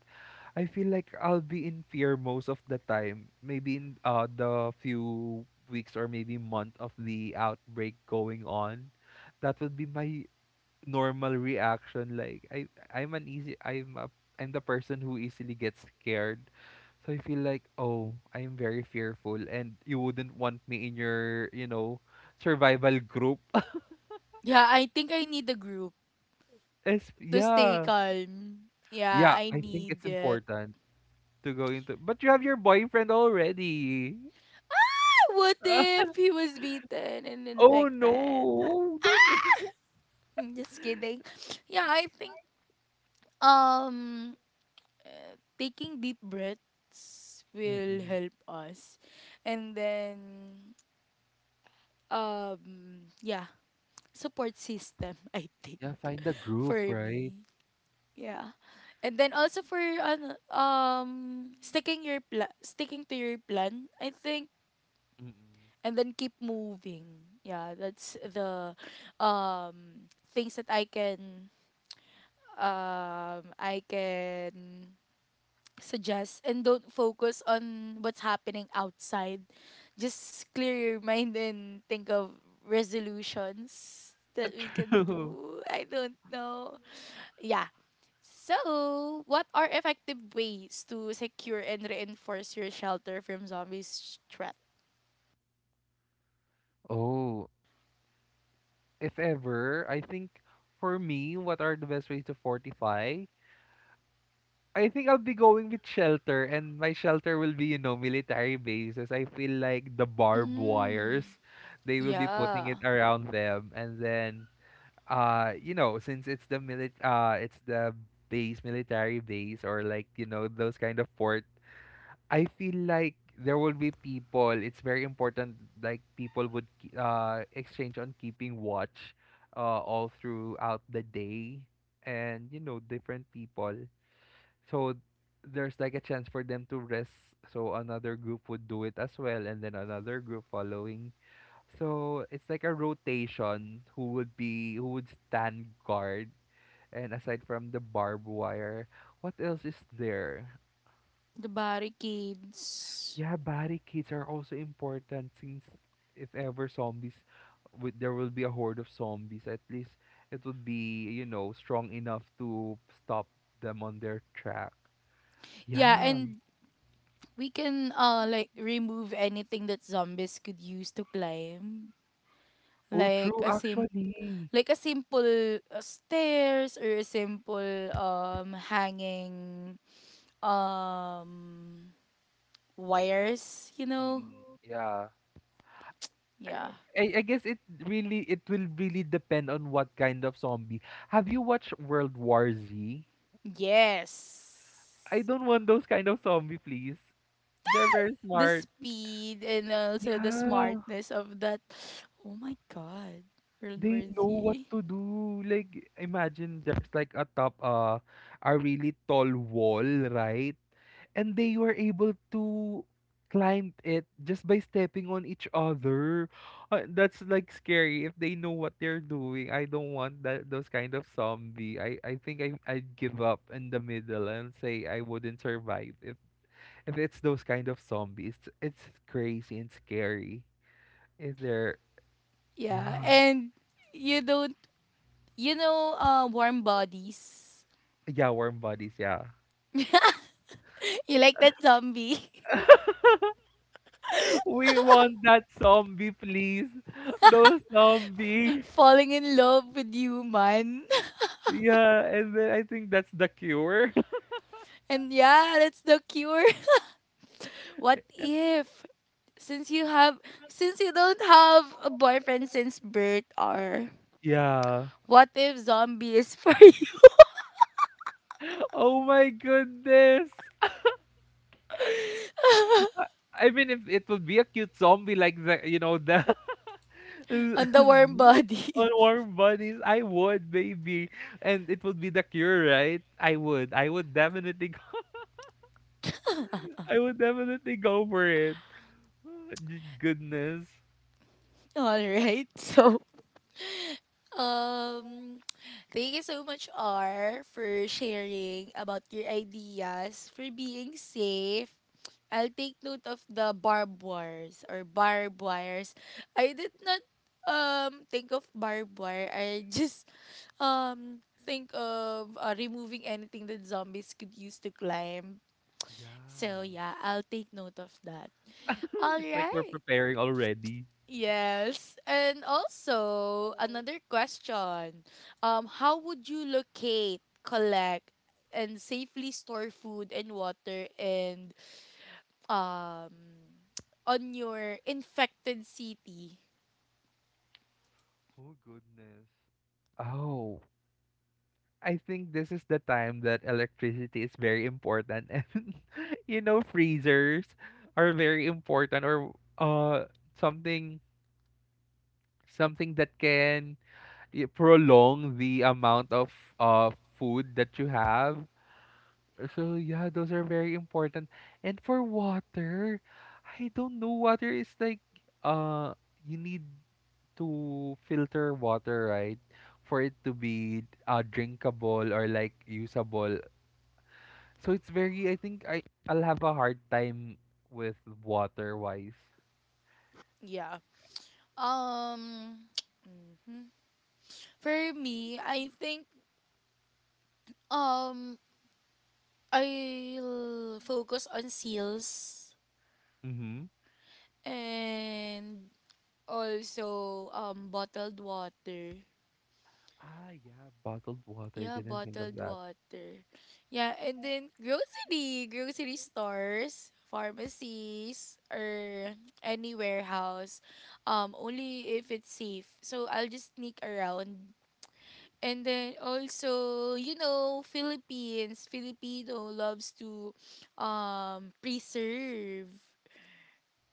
S2: I feel like I'll be in fear most of the time, maybe in uh the few weeks or maybe month of the outbreak going on. That would be my normal reaction. Like i i'm an easy i'm a I'm the person who easily gets scared. So I feel like, oh, I'm very fearful and you wouldn't want me in your, you know survival group.
S1: Yeah, I think I need a group
S2: Es-
S1: to stay
S2: yeah.
S1: calm. Yeah,
S2: Yeah,
S1: I
S2: I think
S1: need
S2: it's
S1: it.
S2: important to go into, but you have your boyfriend already.
S1: What if he was beaten and
S2: Oh
S1: infected?
S2: no, don't.
S1: I'm just kidding. Yeah, I think Um, uh, taking deep breaths will
S2: Mm-mm.
S1: help us. And then, um, yeah, support system, I think,
S2: Yeah, find a group,
S1: for
S2: right?
S1: me. Yeah. And then also for ano, um sticking your pla- sticking to your plan, I think,
S2: Mm-mm.
S1: and then keep moving. Yeah, that's the um things that I can um I can suggest, and don't focus on what's happening outside. Just clear your mind and think of resolutions that we can
S2: True.
S1: do. I don't know. Yeah. So, what are effective ways to secure and reinforce your shelter from zombies threat?
S2: Oh, if ever, I think for me, what are the best ways to fortify? I think I'll be going with shelter, and my shelter will be, you know, military bases. I feel like the barbed wires,
S1: Mm,
S2: they will be putting
S1: yeah,
S2: it around them, and then, uh, you know, since it's the mili- uh, it's the base, military base, or like you know those kind of fort. I feel like there will be people. It's very important. Like people would ke- uh, exchange on keeping watch, uh, all throughout the day, and you know different people. So there's like a chance for them to rest. So another group would do it as well, and then another group following. So it's like a rotation. Who would be who would stand guard? And aside from the barbed wire, what else is there?
S1: the barricades.
S2: Yeah, barricades are also important since if ever zombies, w- there will be a horde of zombies. At least it would be, you know, strong enough to stop them on their track.
S1: Yeah,
S2: Yeah.
S1: and we can uh like remove anything that zombies could use to climb,
S2: Oh,
S1: like
S2: true.
S1: a simple.
S2: Actually.
S1: Like a simple uh, stairs, or a simple um hanging um wires, you know?
S2: Mm-mm. Yeah. I,
S1: Yeah.
S2: I I guess it really it will really depend on what kind of zombie. Have you watched World War Z?
S1: Yes.
S2: I don't want those kind of zombie, please. They're very
S1: The
S2: smart.
S1: speed and also the
S2: Yeah.
S1: smartness of that. Oh my god. World War
S2: They know what
S1: Z.
S2: to do. Like imagine there's like a top uh a really tall wall, right? And they were able to climb it just by stepping on each other. Uh, that's like scary if they know what they're doing. I don't want that those kind of zombie. I I think I I'd give up in the middle and say I wouldn't survive if if it's those kind of zombies. It's, it's crazy and scary. If they're
S1: Yeah,
S2: yeah.
S1: and you don't you know uh warm bodies.
S2: Yeah, warm bodies, yeah.
S1: You like that zombie
S2: We want that zombie, please. Those zombie.
S1: falling in love with you, man.
S2: Yeah, and then I think that's the cure.
S1: And yeah, that's the cure. What if, since you have since you don't have a boyfriend since birth, or
S2: Yeah.
S1: what if zombie is for you
S2: Oh my goodness. I mean, if it would be a cute zombie like the, you know, the on
S1: on the warm body?
S2: warm bodies, I would, baby. And it would be the cure, right? I would. I would definitely go, I would definitely go for it. Goodness.
S1: Alright, so um thank you so much, R, for sharing about your ideas for being safe. I'll take note of the barbed wires, or barbed wires. I did not um think of barbed wire. I just um think of uh, removing anything that zombies could use to climb.
S2: Yeah.
S1: So yeah, I'll take note of that. All
S2: It's like we're
S1: right.
S2: preparing already.
S1: Yes. And also
S2: Oh.
S1: another question. Um how would you locate, collect and safely store food and water, and um on your infected city?
S2: Oh goodness. Oh, I think this is the time that electricity is very important and you know freezers are very important, or uh something something that can y- prolong the amount of uh food that you have. So yeah, those are very important. And for water, I don't know, water is like uh you need to filter water, right? For it to be uh, drinkable or like usable. So it's very, I think I I'll have a hard time with water wise.
S1: Yeah. Um mhm. For me, I think um I'll focus on seals,
S2: Mhm.
S1: and also um bottled water.
S2: Ah, yeah, bottled water.
S1: Yeah,
S2: Didn't think of
S1: bottled
S2: that.
S1: water. Yeah, and then grocery, grocery stores, pharmacies, or any warehouse. Um, only if it's safe. So I'll just sneak around. And then also, you know, Philippines, Filipino loves to um preserve.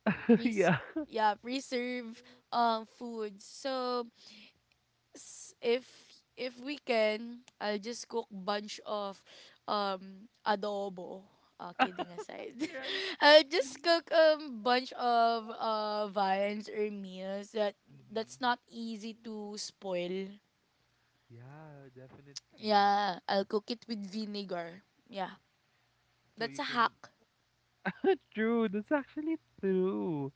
S1: pres-
S2: Yeah.
S1: yeah, preserve um food, so s- if if we can I'll just cook bunch of um adobo. Uh, kidding aside,
S2: Right.
S1: I'll just
S2: Mhm.
S1: cook um bunch of uh viands or meals that that's not easy to spoil.
S2: Yeah, definitely.
S1: Yeah, I'll cook it with vinegar. Yeah,
S2: So
S1: that's
S2: you
S1: a
S2: can
S1: hack.
S2: true, that's actually true.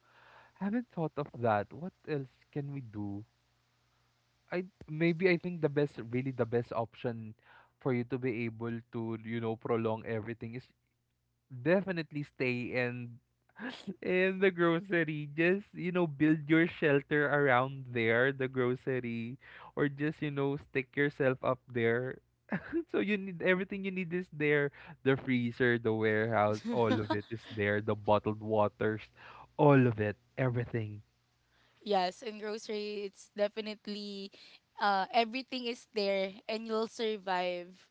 S2: Haven't thought of that. What else can we do? I maybe I think the best really the best option for you to be able to you know prolong everything is definitely stay in in the grocery, just you know build your shelter around there, the grocery, or just you know stick yourself up there. So you need, everything you need is there, the freezer, the warehouse, all of it is there, the bottled waters, all of it, everything.
S1: Yes, in grocery it's definitely uh everything is there, and you'll survive.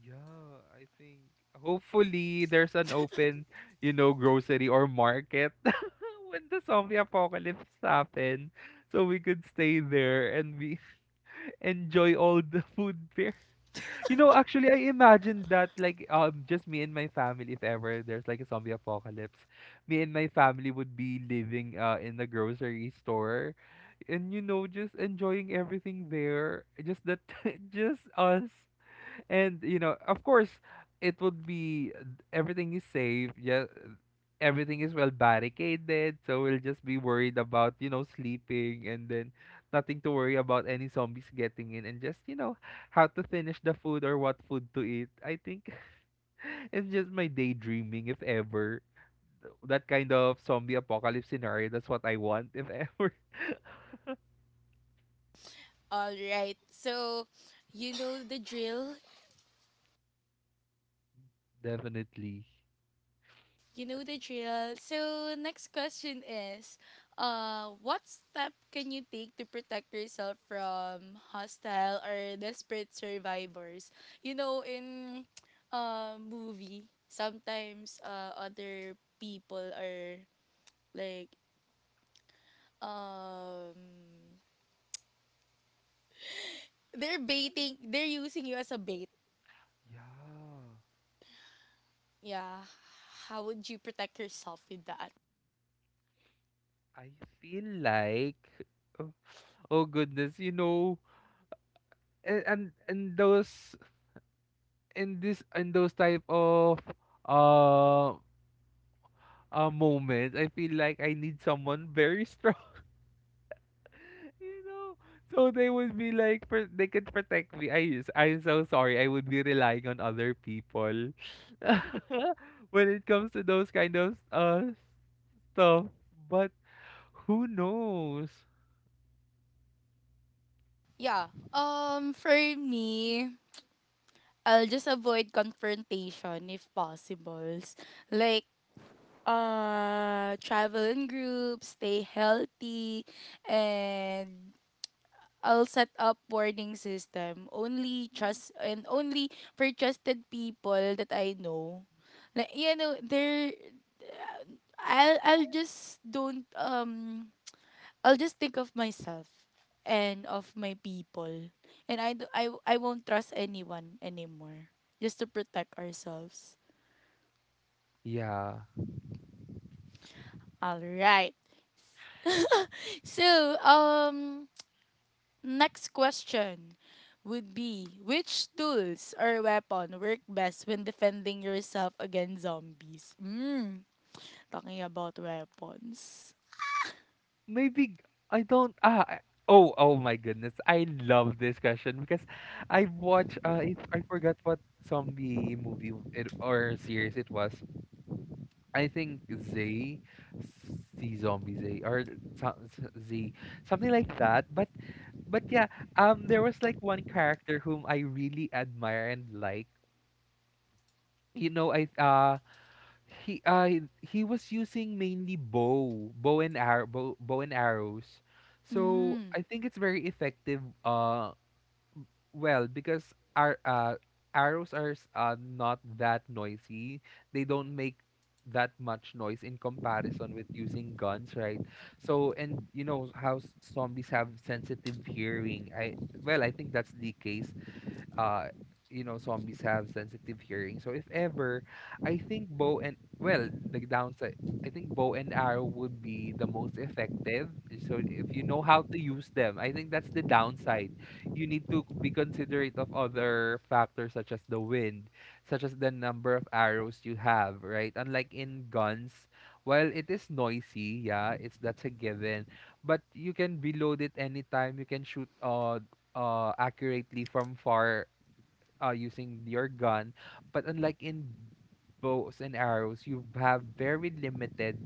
S2: Yeah, I think hopefully there's an open, you know, grocery or market when the zombie apocalypse happen, so we could stay there and we enjoy all the food there. You know, actually, I imagined that like um just me and my family, if ever there's like a zombie apocalypse, me and my family would be living uh in the grocery store and you know just enjoying everything there. Just that, just us and you know of course it would be uh, everything is safe, yeah, everything is well barricaded, so we'll just be worried about you know sleeping, and then nothing to worry about any zombies getting in, and just you know how to finish the food or what food to eat. I think it's just my daydreaming, if ever that kind of zombie apocalypse scenario, that's what I want if ever.
S1: All right. So, you know the drill.
S2: Definitely.
S1: You know the drill. So, next question is, uh, what step can you take to protect yourself from hostile or desperate survivors? You know, in uh, movie, sometimes uh, other people are like, um, they're baiting, they're using you as a bait.
S2: Yeah,
S1: Yeah. How would you protect yourself with that?
S2: I feel like oh, oh goodness, you know, and, and and those in this in those type of uh uh moments, I feel like I need someone very strong, you know, so they would be like pr- they could protect me. I s- I'm so sorry. I would be relying on other people when it comes to those kind of uh stuff, but who knows?
S1: Yeah. Um for me, I'll just avoid confrontation if possible. Like, uh travel in groups, stay healthy, and I'll set up warning system. Only trust, and only for trusted people that I know. Like you know, there I'll I'll just don't um I'll just think of myself and of my people. And I, do, I, w- I won't trust anyone anymore, just to protect ourselves.
S2: Yeah.
S1: All right. So, um, next question would be, which tools or weapon work best when defending yourself against zombies? Mm, talking about weapons.
S2: Maybe, I don't ah I- oh, oh my goodness. I love this question because I watched uh it, I forgot what zombie movie w- it or series it was. I think Zay, see zombie Zay, or so- so- Z something like that. But but yeah, um there was like one character whom I really admire and like. You know, I uh he uh he was using mainly bow, bow and arrow, bow, bow and arrows. So
S1: Mm.
S2: I think it's very effective. Uh, well, because our uh arrows are s- uh not that noisy. They don't make that much noise in comparison with using guns, right? So and you know how s- zombies have sensitive hearing. I, well, I think that's the case. uh you know zombies have sensitive hearing, so if ever, I think bow and, well, the downside, I think bow and arrow would be the most effective. Eh, so if you know how to use them, I think that's the downside. You need to be considerate of other factors such as the wind, such as the number of arrows you have, right? Unlike in guns, while it is noisy, yeah, it's that's a given, but you can reload it anytime, you can shoot uh uh accurately from far uh, using your gun. But unlike in bows and arrows, you have very limited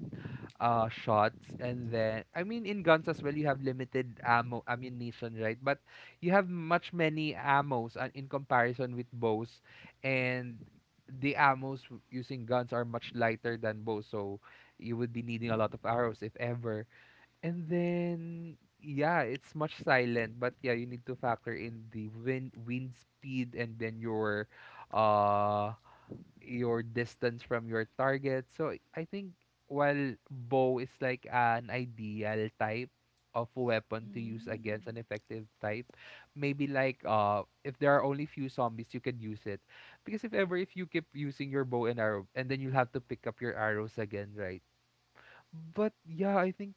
S2: uh, shots. And then, I mean, in guns as well, you have limited ammo, ammunition, right? But you have much many ammos uh, in comparison with bows. And the ammos w- using guns are much lighter than bows. So you would be needing a lot of arrows, if ever. And then, yeah, it's much silent, but yeah, you need to factor in the wind wind speed and then your uh your distance from your target. So I think while bow is like an ideal type of weapon to use against an effective type, maybe like uh if there are only few zombies you could use it. Because if ever if you keep using your bow and arrow, and then you'll have to pick up your arrows again, right? But yeah, I think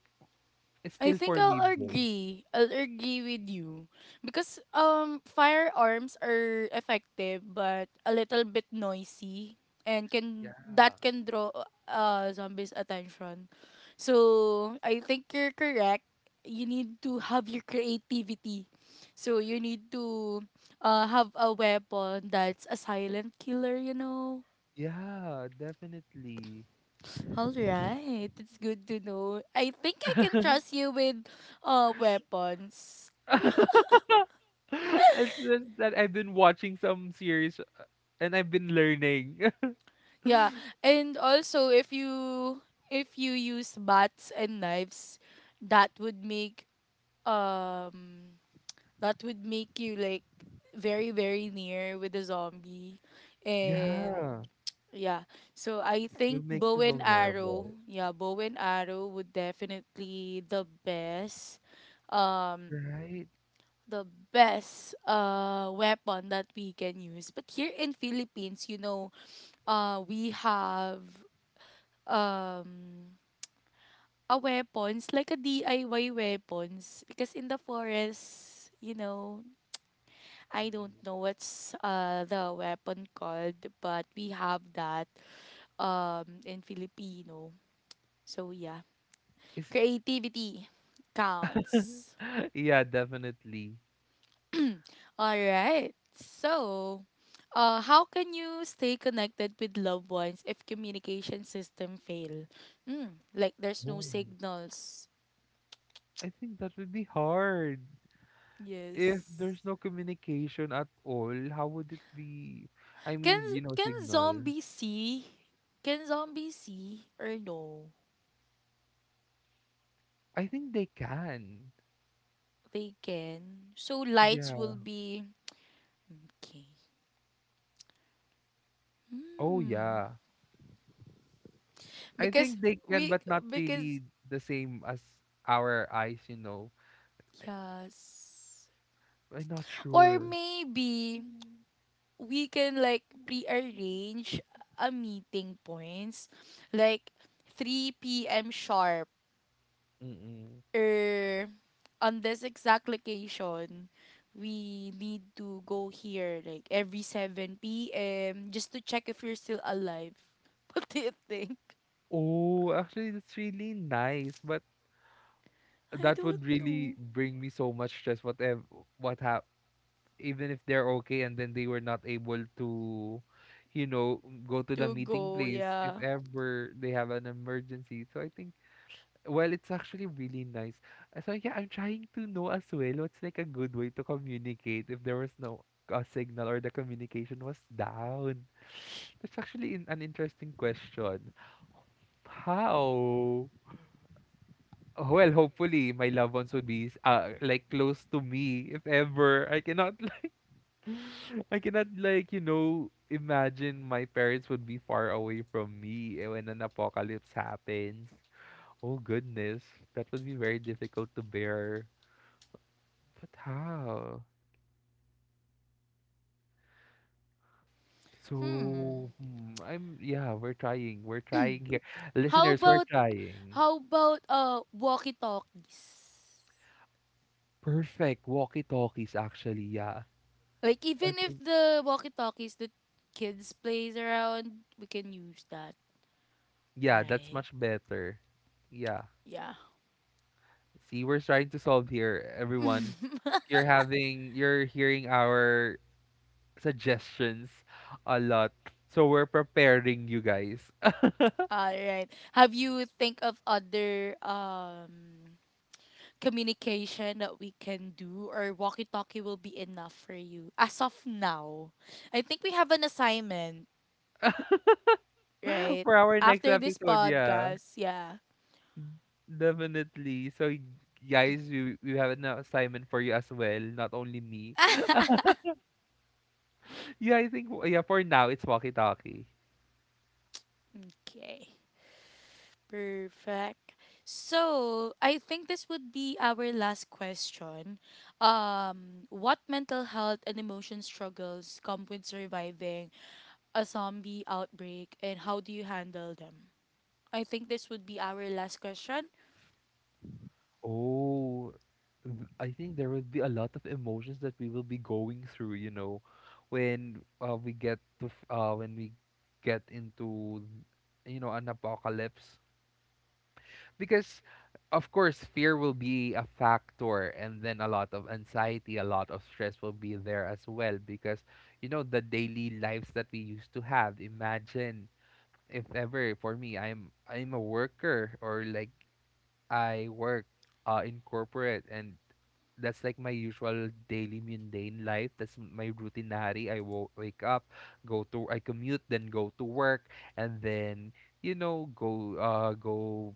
S2: it's
S1: I
S2: still
S1: think
S2: for me,
S1: I'll
S2: Bo.
S1: agree. I'll agree with you because um firearms are effective but a little bit noisy and
S2: Yeah.
S1: can that can draw uh zombies attention. So I think you're correct. You need to have your creativity. So you need to uh have a weapon that's a silent killer, you know.
S2: Yeah, definitely.
S1: All right, it's good to know. I think I can trust you with uh weapons.
S2: It's just that I've been watching some series uh, and I've been learning.
S1: Yeah, and also if you, if you use bats and knives, that would make um that would make you like very very near with the zombie, and
S2: Yeah,
S1: yeah. So I
S2: it will
S1: think
S2: make you
S1: bow and arrow,
S2: vulnerable,
S1: yeah, bow and arrow would definitely the best, um,
S2: right?
S1: the best uh weapon that we can use. But here in Philippines, you know, uh, we have um a weapons like a D I Y weapons, because in the forest you know I don't
S2: Mm-mm.
S1: know what's uh the weapon called, but we have that um in Filipino. So yeah,
S2: It's,
S1: creativity counts.
S2: yeah, definitely.
S1: All right, so uh how can you stay connected with loved ones if communication system fail? Mm, like there's no
S2: Oh,
S1: signals.
S2: I think that would be hard. If there's
S1: Yes.
S2: no communication at all, how would it be? I mean,
S1: Can
S2: you know,
S1: can
S2: signal.
S1: zombies see? Can zombies see or no?
S2: I think they can.
S1: They can. So lights
S2: Yeah.
S1: will be okay.
S2: Oh
S1: Hmm.
S2: yeah. I
S1: Because
S2: think they can,
S1: we,
S2: but not
S1: because,
S2: really the same as our eyes, you know. I,
S1: yes.
S2: I'm not
S1: Or
S2: sure.
S1: maybe we can like prearrange a meeting points like three p m sharp,
S2: Mm-mm.
S1: er, on this exact location, we need to go here like every seven p m just to check if you're still alive. What do you think?
S2: Oh, actually, that's really nice, but
S1: I
S2: that
S1: don't
S2: would really
S1: know.
S2: bring me so much stress. Whatever, what hap, even if they're okay, and then they were not able to, you know, go to the
S1: To
S2: meeting
S1: go,
S2: place if
S1: yeah.
S2: ever they have an emergency. So I think, well, it's actually really nice. Uh, So yeah, I'm trying to know as well what's like a good way to communicate if there was no uh, signal or the communication was down. That's actually in an interesting question. How? Well, hopefully my loved ones would be s- uh, like close to me if ever. I cannot like I cannot like, you know, imagine my parents would be far away from me eh, when an apocalypse happens. Oh goodness, that would be very difficult to bear. But how?
S1: Hmm.
S2: So, hmm, I'm yeah, we're trying. We're trying here.
S1: How
S2: Listeners, we're
S1: about,
S2: trying.
S1: how about uh walkie-talkies?
S2: Perfect. Walkie-talkies actually, yeah.
S1: Like,
S2: That
S1: even if
S2: would-
S1: the walkie-talkies the kids plays around, we can use that,
S2: yeah, that's
S1: right?
S2: much better. Yeah.
S1: Yeah.
S2: See, we're trying to solve here, everyone. You're having you're hearing our suggestions a lot. So we're preparing you guys
S1: All right. Have you think of other um communication that we can do, or walkie-talkie will be enough for you as of now? I think we have an assignment, right?
S2: for our next
S1: After this
S2: episode, yeah.
S1: podcast, yeah.
S2: Definitely. So, y- guys, we we have an assignment for you as well, not only me. Yeah, I think w- yeah, for now it's walkie-talkie.
S1: Okay. Perfect. So, I think this would be our last question. Um, what mental health and emotion struggles come with surviving a zombie outbreak and how do you handle them? I think this would be our last question.
S2: Oh, th- I think there would be a lot of emotions that we will be going through, you know, when uh, we get to f- uh when we get into, you know, an apocalypse. Because of course fear will be a factor, and then a lot of anxiety, a lot of stress will be there as well, because you know, the daily lives that we used to have. Imagine if ever, for me, i'm i'm a worker, or like I work uh in corporate, and that's like my usual daily mundane life. That's m- my routine na hari. I wo- wake up, go to I commute, then go to work, and then, you know, go uh go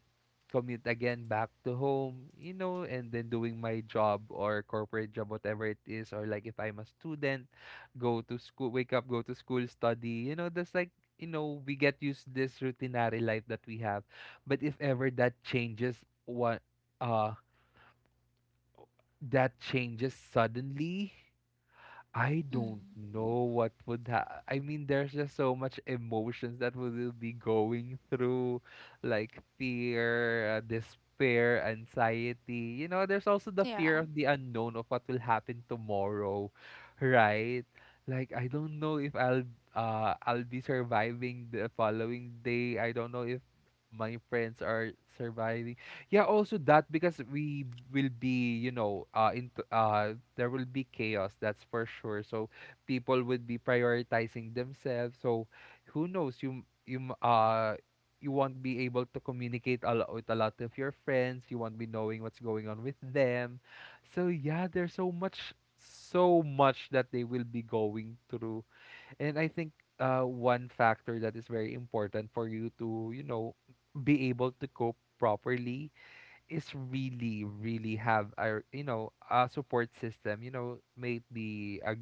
S2: commute again back to home. You know, and then doing my job or corporate job, whatever it is, or like if I'm a student, go to school, wake up, go to school, study. You know, that's like, you know, we get used this routinary life that we have. But if ever that changes, what uh that changes suddenly, I don't
S1: Mm-hmm.
S2: know what would ha- I mean, there's just so much emotions that we will be going through, like fear, uh, despair, anxiety. You know, there's also the
S1: Yeah.
S2: fear of the unknown of what will happen tomorrow, right? Like I don't know if I'll uh I'll be surviving the following day. I don't know if my friends are surviving. Yeah, also that, because we will be, you know, uh into uh there will be chaos, that's for sure. So people would be prioritizing themselves. So who knows, you m- you m- uh you won't be able to communicate a lot with a lot of your friends. You won't be knowing what's going on with them. So yeah, there's so much so much that they will be going through. And I think uh one factor that is very important for you to, you know, be able to cope properly is really really have, a you know, a support system, you know, maybe a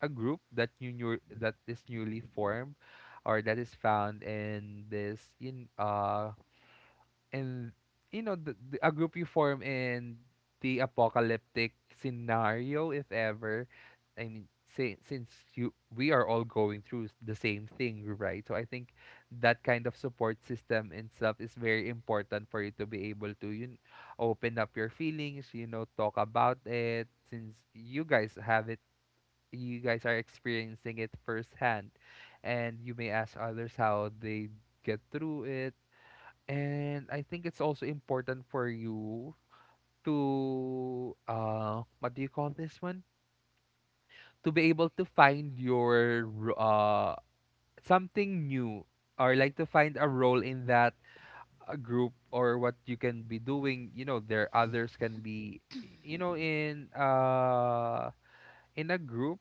S2: a group that you new that is newly formed, or that is found in this in uh and you know, the, the, a group you form in the apocalyptic scenario, if ever, I mean, say, since you we are all going through s- the same thing, right? So I think that kind of support system and stuff is very important for you to be able to, you kn- open up your feelings, you know, talk about it, since you guys have it, you guys are experiencing it firsthand, and you may ask others how they get through it. And I think it's also important for you to uh what do you call this one? To be able to find your ro- uh something new, or like to find a role in that, uh, group, or what you can be doing. You know, there others can be, you know, in uh in a group,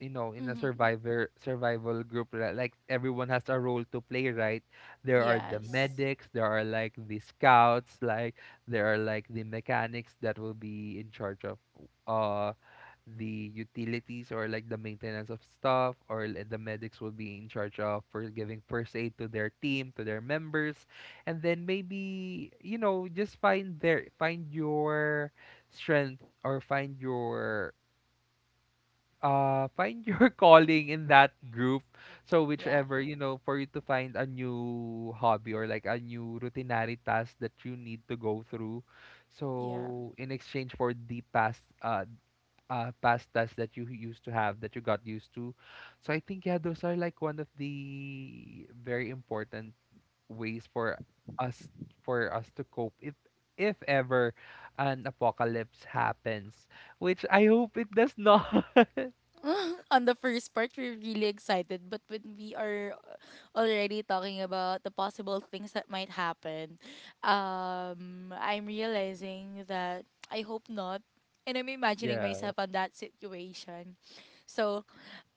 S2: you know, in a
S1: Mm-hmm.
S2: survivor survival group, li- like everyone has a role to play, right? There are the
S1: Yes.
S2: medics, there are like the scouts, like there are like the mechanics that will be in charge of uh the utilities, or like the maintenance of stuff, or li- the medics will be in charge of for giving first aid to their team, to their members. And then maybe, you know, just find their find your strength, or find your uh find your calling in that group. So
S1: Yeah.
S2: whichever, you know, for you to find a new hobby, or like a new routinary task that you need to go through,
S1: Yeah.
S2: so in exchange for the past uh uh past tasks that you used to have, that you got used to. So I think yeah, those are like one of the very important ways for us, for us to cope if if ever an apocalypse happens, which I hope it does not.
S1: On the first part, we're really excited, but when we are already talking about the possible things that might happen, um, I'm realizing that I hope not. And I'm imagining
S2: Yeah.
S1: myself on that situation. So,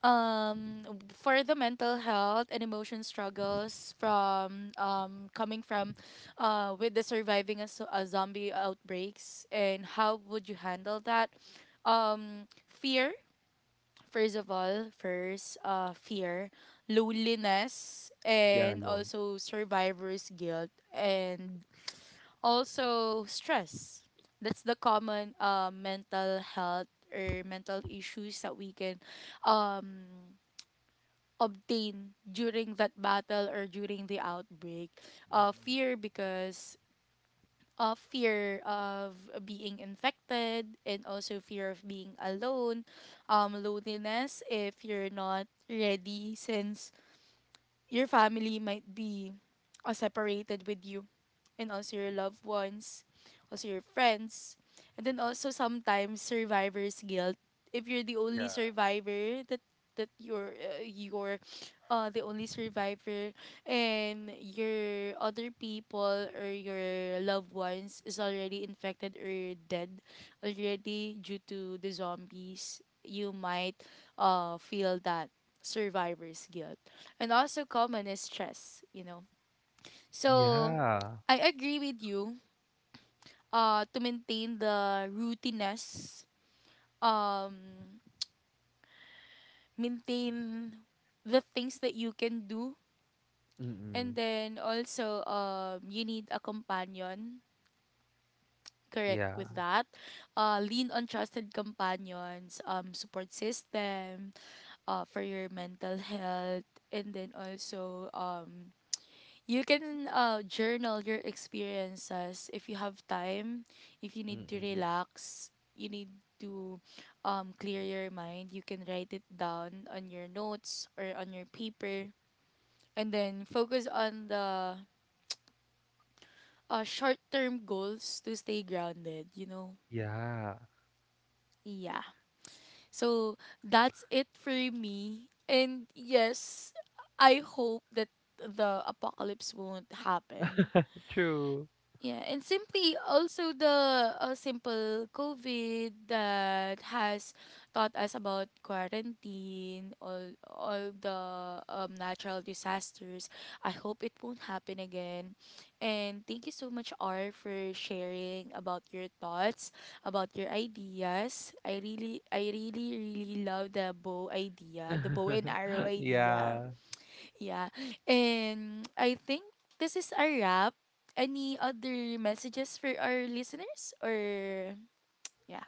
S1: um for the mental health and emotion struggles, from um coming from uh with the surviving a, zo- a zombie outbreaks, and how would you handle that? Um fear, first of all. First, uh fear, loneliness,
S2: Yeah,
S1: and
S2: alone.
S1: also survivor's guilt, and also stress. That's the common uh, mental health or mental issues that we can um obtain during that battle or during the outbreak. Uh,
S2: Mm-mm.
S1: fear, because uh, fear of being infected, and also fear of being alone, um, loneliness if you're not ready, since your family might be uh, separated with you, and also your loved ones, also your friends, and then also sometimes survivor's guilt. If you're the only
S2: Yeah.
S1: survivor, that that you're uh, you're uh, the only survivor and your other people or your loved ones is already infected or dead already due to the zombies, you might uh, feel that survivor's guilt, and also common is stress, you know. So
S2: Yeah.
S1: I agree with you uh to maintain the routineness, um maintain the things that you can do,
S2: Mm-mm.
S1: and then also um you need a companion, correct
S2: Yeah.
S1: with that. Uh lean on trusted companions, um support system uh for your mental health, and then also um you can uh, journal your experiences if you have time. If you need to
S2: Mm-mm.
S1: relax, you need to um, clear your mind, you can write it down on your notes or on your paper. And then focus on the uh, short term goals to stay grounded, you know?
S2: Yeah.
S1: Yeah. So that's it for me. And yes, I hope that the apocalypse won't happen.
S2: True.
S1: Yeah, and simply also the uh, simple COVID that has taught us about quarantine, all all the um, natural disasters. I hope it won't happen again. And thank you so much, R, for sharing about your thoughts, about your ideas. I really, I really, really love the bow idea, the bow and arrow idea.
S2: Yeah.
S1: Yeah. And I think this is a wrap. Any other messages for our listeners? Or, yeah.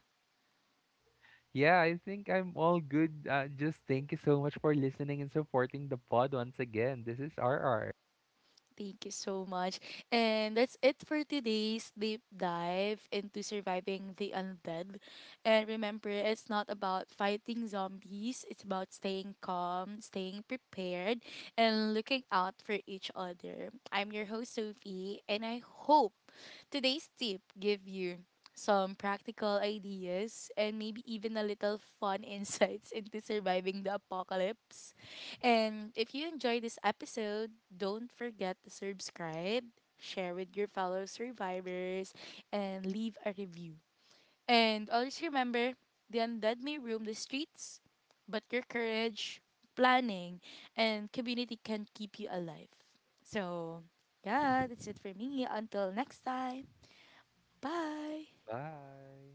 S2: Yeah, I think I'm all good. Uh, just thank you so much for listening and supporting the pod once again. This is R R.
S1: Thank you so much. And that's it for today's deep dive into surviving the undead. And remember, it's not about fighting zombies, it's about staying calm, staying prepared, and looking out for each other. I'm your host, Sophie, and I hope today's tip give you some practical ideas, and maybe even a little fun insights into surviving the apocalypse. And if you enjoyed this episode, don't forget to subscribe, share with your fellow survivors, and leave a review. And always remember, the undead may roam the streets, but your courage, planning, and community can keep you alive. So, yeah, that's it for me. Until next time, bye.
S2: Bye.